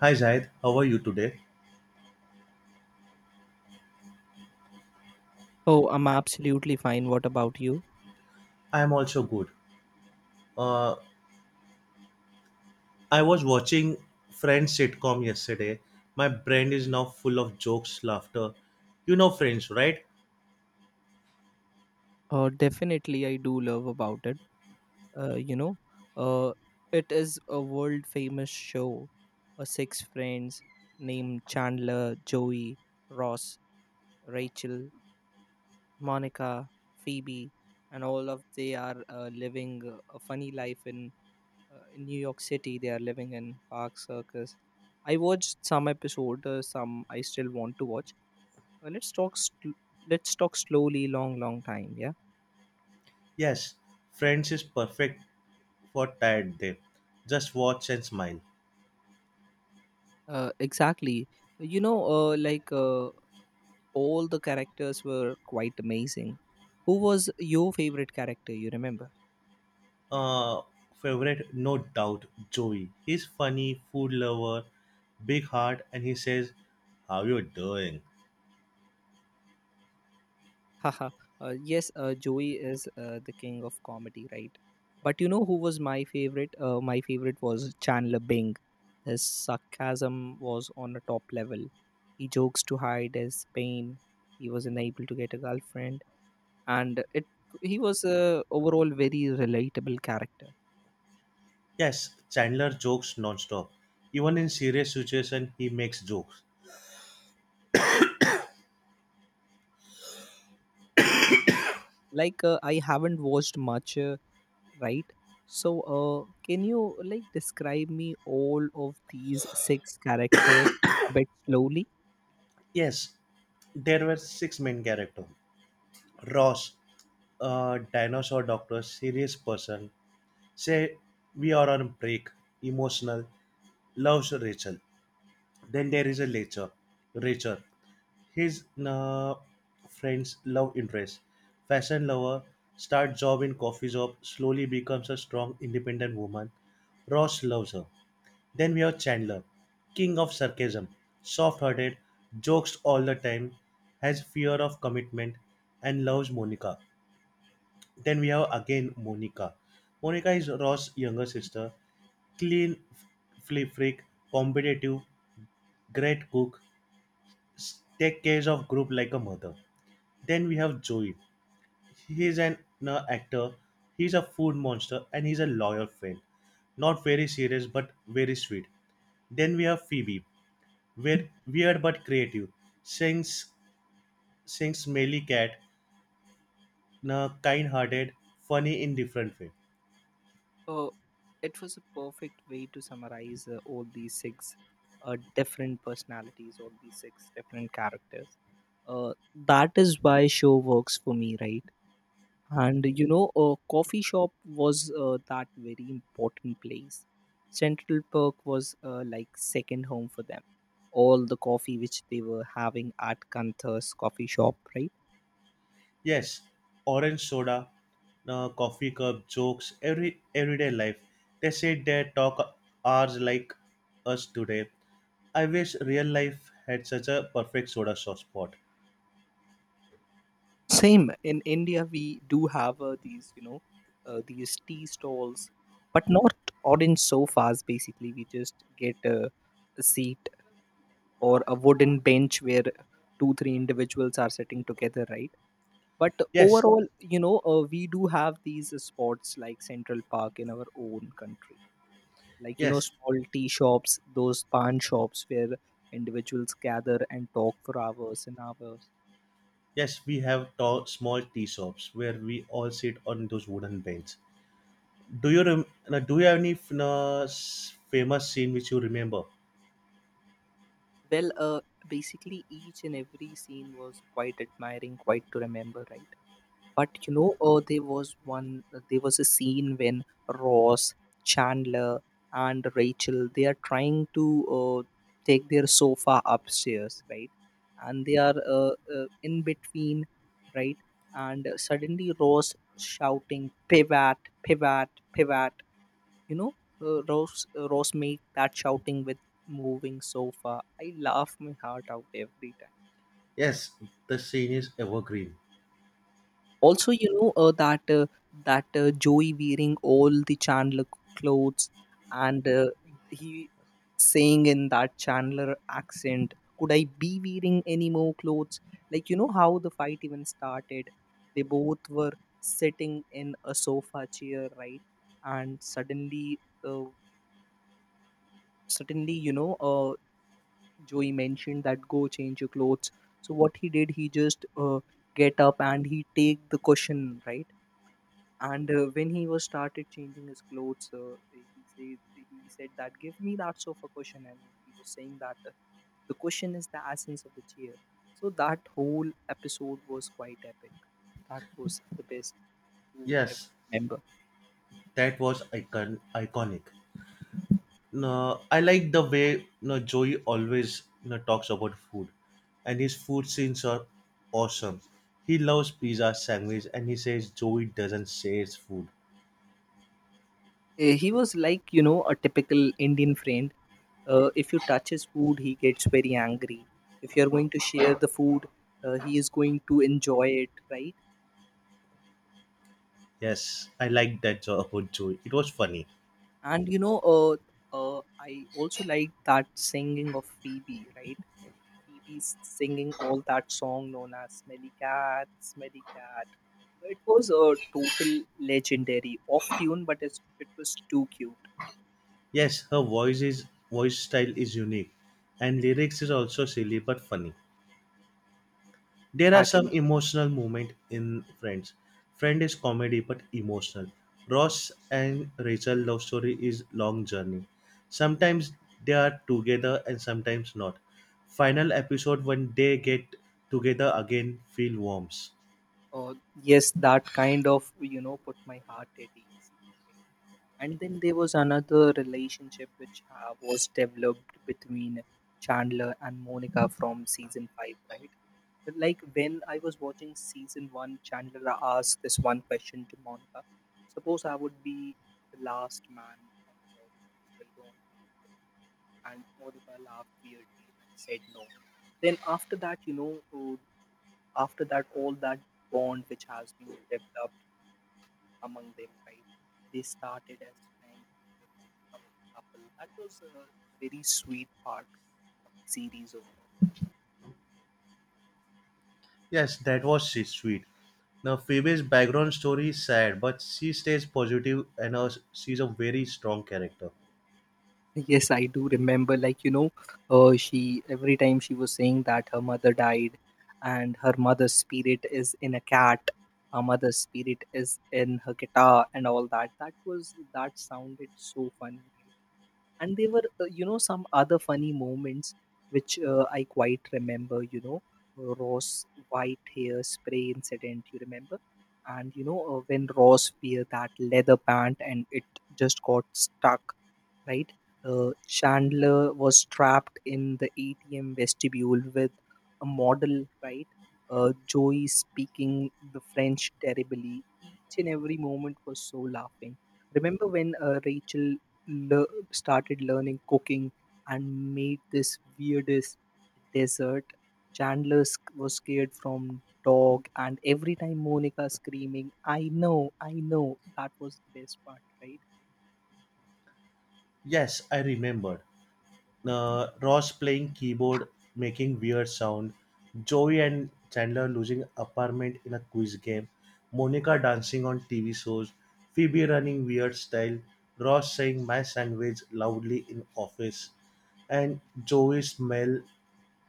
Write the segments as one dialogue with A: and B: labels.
A: Hi Zaid, how are you today?
B: Oh, I'm absolutely fine. What about you?
A: I am also good. Uh, I was watching Friends sitcom yesterday. My brain is now full of jokes, laughter. You know Friends, right?
B: Definitely, I do love about it. Uh, you know, uh, it is a world famous show. Six friends named Chandler, Joey, Ross, Rachel, Monica, Phoebe, and all of they are living a funny life in New York City. They are living in Park Circus. I watched some episode. Some I still want to watch. Let's talk. Let's talk slowly, long, long time. Yeah.
A: Yes, Friends is perfect for tired day. Just watch and smile.
B: Exactly. You know, uh, like uh, all the characters were quite amazing. Who was your favorite character? You remember?
A: Uh, Favorite, no doubt, Joey. He's funny, food lover, big heart, and he says, "How you doing?"
B: Haha. Yes, Joey is the king of comedy, right? But you know who was my favorite? My favorite was Chandler Bing. His sarcasm was on a top level. He jokes to hide his pain. He was unable to get a girlfriend, and it he was overall very relatable character.
A: Yes, Chandler jokes non-stop. Even in serious situation, he makes jokes.
B: I haven't watched much. Right. So can you like describe me all of these six characters a bit slowly.
A: Yes, there were six main characters. Ross, a dinosaur doctor, serious person, say we are on break, emotional, loves Rachel. Then there is a Rachel, Rachel, his friend's love interest, fashion lover, start job in coffee shop, slowly becomes a strong, independent woman. Ross loves her. Then we have Chandler, king of sarcasm, soft hearted, jokes all the time, has fear of commitment, and loves Monica. Then we have again Monica. Monica is Ross's younger sister, clean flip freak, competitive, great cook, take care of group like a mother. Then we have Joey. He's an actor, he's a food monster, and he's a loyal friend, not very serious but very sweet. Then we have Phoebe. Weird but creative. Sings, sings Melly Cat in a kind-hearted, funny, in different way.
B: uh, it was a perfect way to summarize all these six different personalities, all these six different characters. That is why show works for me, right? And you know, a coffee shop was that very important place. Central Park was like second home for them. All the coffee which they were having at Kantha's coffee shop, right?
A: Yes, orange soda, coffee cup, jokes, everyday life. They sit there talk hours like us today. I wish real life had such a perfect soda shop spot.
B: Same in India, we do have these, you know, these tea stalls, but not orange sofas. Basically we just get a seat or a wooden bench where two three individuals are sitting together, right? But
A: Yes,
B: overall, you know, we do have these spots like Central Park in our own country. Like, you know,
A: yes,
B: small tea shops, those pan shops where individuals gather and talk for hours and hours.
A: yes. We have tall, small tea shops where we all sit on those wooden benches. Do you have any famous scene which you remember?
B: Well, basically each and every scene was quite admiring, quite to remember, right? But you know, there was a scene when Ross, Chandler, and Rachel they are trying to uh, take their sofa upstairs, right? And they are in between, right? And suddenly Ross shouting pivot, pivot, pivot. You know, Ross make that shouting with moving sofa. I laugh my heart out every time.
A: Yes, the scene is evergreen.
B: Also, you know, that that Joey wearing all the Chandler clothes, and he saying in that Chandler accent, could I be wearing any more clothes? Like, you know, how the fight even started, they both were sitting in a sofa chair, right? And suddenly uh, suddenly, you know, Joey mentioned that go change your clothes. So what he did, he just get up and he take the cushion, right? And when he was started changing his clothes, he said, he said that give me that sofa cushion, and he was saying that the cushion is the essence of the chair. So that whole episode was quite epic. That was the best to ever
A: Yes,
B: remember.
A: that was iconic. No, I like the way, no, Joey always, you know, talks about food, and his food scenes are awesome. He loves pizza, sandwich, and he says Joey doesn't say it's food.
B: He was like, you know, a typical Indian friend. If you touch his food, he gets very angry. If you're going to share the food, he is going to enjoy it, right?
A: Yes, I like that about Joey. It was funny.
B: And you know, I also like that singing of Phoebe, right? Phoebe's singing all that song known as Smelly Cat, Smelly Cat. It was a total legendary off tune, but it was too cute.
A: Yes, her voice is voice style is unique, and lyrics is also silly but funny. There are some
B: Exactly.
A: emotional moments in Friends. Friend is comedy but emotional. Ross and Rachel love story is long journey. Sometimes they are together and sometimes not. Final episode when they get together again feel warms.
B: Yes, that kind of put my heart at ease. And then there was another relationship which was developed between Chandler and Monica from season five, right? But like when I was watching season one, Chandler asked this one question to Monica. Suppose I would be the last man on the earth, still going to, and Monica laughed weirdly and said no. Then after that, you know, all that bond which has been developed among them, right? They started as friends Apple. That was a very sweet part, series over.
A: Yes, that was sweet. Now Phoebe's background story is sad, but she stays positive and she's a very strong character.
B: Yes, I do remember. Like, you know, she every time she was saying that her mother died, and her mother's spirit is in a cat, her mother's spirit is in her guitar and all that. That was that sounded so funny, right? And there were you know, some other funny moments which I quite remember. You know, Ross white hair spray incident, you remember? And you know, when Ross wear that leather pant and it just got stuck, right? Chandler was trapped in the ATM vestibule with a model, right? Joey speaking the French terribly. Each and every moment was so laughing. Remember when Rachel le- started learning cooking and made this weirdest dessert? Chandler was scared from dog, and every time Monica screaming, I know," that was the best part, right?
A: Yes, I remembered. Ross playing keyboard, making weird sound, Joey and Chandler losing apartment in a quiz game, Monica dancing on TV shows, Phoebe running weird style, Ross saying my sandwich loudly in office, and Joey smell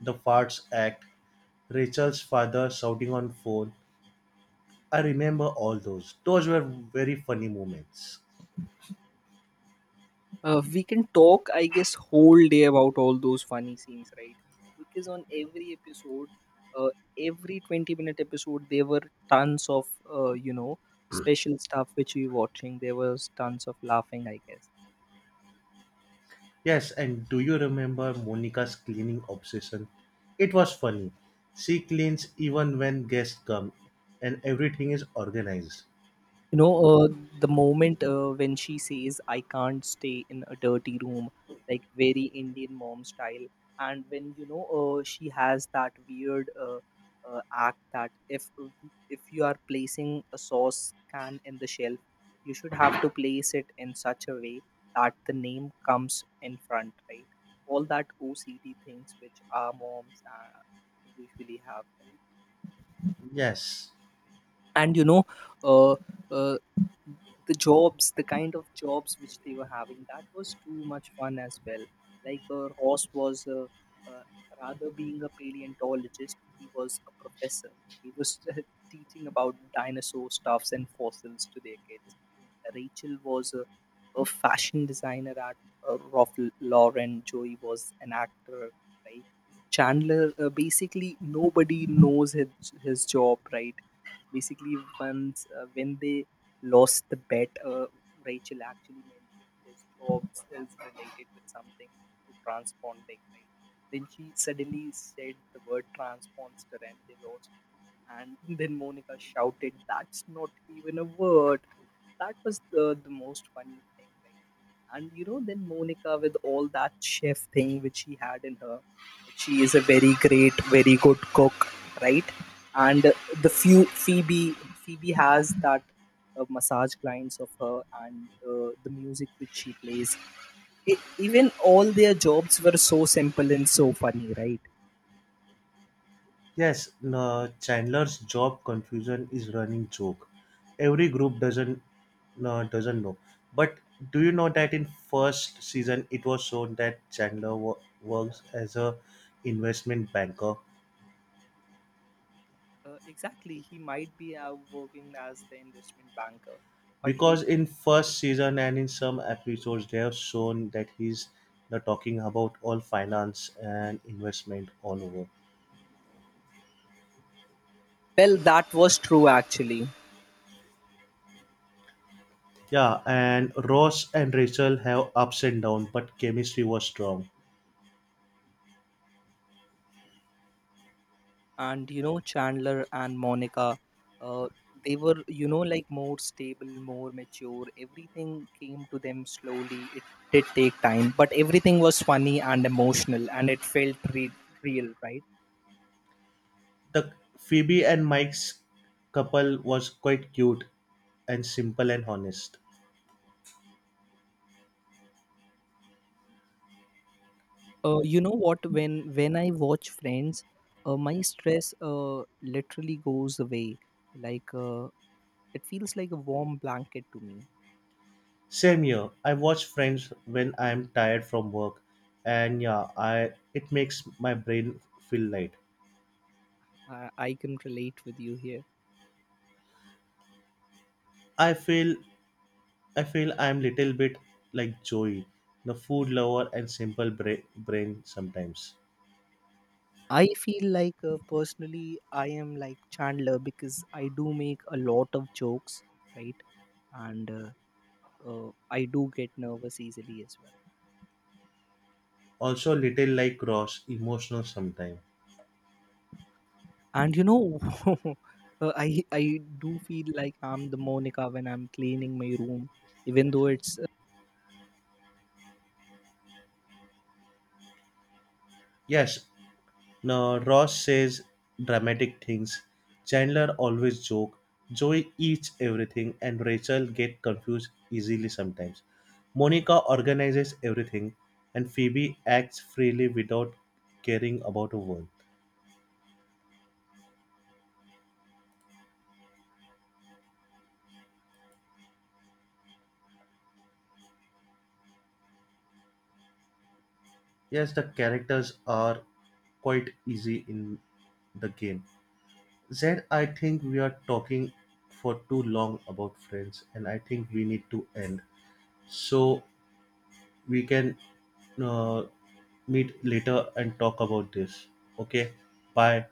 A: the farts act, Rachel's father shouting on phone. I remember all those. Those were very funny moments.
B: We can talk, I guess, whole day about all those funny scenes, right? Because on every episode, uh, every 20-minute episode, there were tons of uh, you know special stuff which we watching. There was tons of laughing, I guess.
A: Yes, and do you remember Monica's cleaning obsession? It was funny. She cleans even when guests come, and everything is organized.
B: You know, the moment when she says I can't stay in a dirty room, like very Indian mom style. And when you know, she has that weird uh, act that if you are placing a sauce can in the shelf, you should have to place it in such a way that the name comes in front, right? All that OCD things which our moms usually have, right?
A: Yes,
B: And you know, uh, uh, the kind of jobs which they were having, that was too much fun as well. Like Ross was uh, rather being a paleontologist, he was a professor. He was teaching about dinosaur stuffs and fossils to their kids. Rachel was a fashion designer at Ralph Lauren. Joey was an actor, right? Chandler, basically nobody knows his job, right? Basically, once when they lost the bet, Rachel actually mentioned his job is related with something to transponding, right? Then she suddenly said the word transponder, and they lost. And then Monica shouted, "That's not even a word." That was the most funny thing, right? And you know, then Monica with all that chef thing which she had in her, she is a very great, very good cook, right? And the few Phoebe has that massage clients of her, and the music which she plays. Even all their jobs were so simple and so funny, right?
A: yes, no, Chandler's job confusion is running joke. Every group doesn't, no, doesn't know. But do you know that in first season it was shown that Chandler works as a investment banker,
B: Exactly. He might be working as the investment banker, but
A: because
B: later.
A: in first season and in some episodes they have shown that he's the talking about all finance and investment all over.
B: Well, that was true actually.
A: Yeah, and Ross and Rachel have ups and downs but chemistry was strong.
B: And you know, Chandler and Monica, uh, they were, you know, like more stable, more mature. Everything came to them slowly. It did take time, but everything was funny and emotional, and it felt real, right?
A: The Phoebe and Mike's couple was quite cute and simple and honest.
B: You know what? When I watch Friends, my stress literally goes away. Like, it feels like a warm blanket to me.
A: Same here, I watch Friends when I'm tired from work, and yeah, I it makes my brain feel light.
B: I can relate with you here.
A: i feel I feel I'm little bit like Joey, the food lover and simple brain sometimes.
B: I feel like, personally I am like Chandler, because I do make a lot of jokes, right? And I do get nervous easily as well.
A: Also little like Ross, emotional sometimes.
B: And you know, I do feel like I'm the Monica when I'm cleaning my room, even though it's
A: Yes, no, Ross says dramatic things. Chandler always joke. Joey eats everything and Rachel get confused easily sometimes. Monica organizes everything and Phoebe acts freely without caring about a word. Yes, the characters are quite easy in the game. Zed, I think we are talking for too long about friends, and I think we need to end. So we can uh, meet later and talk about this. Okay, bye.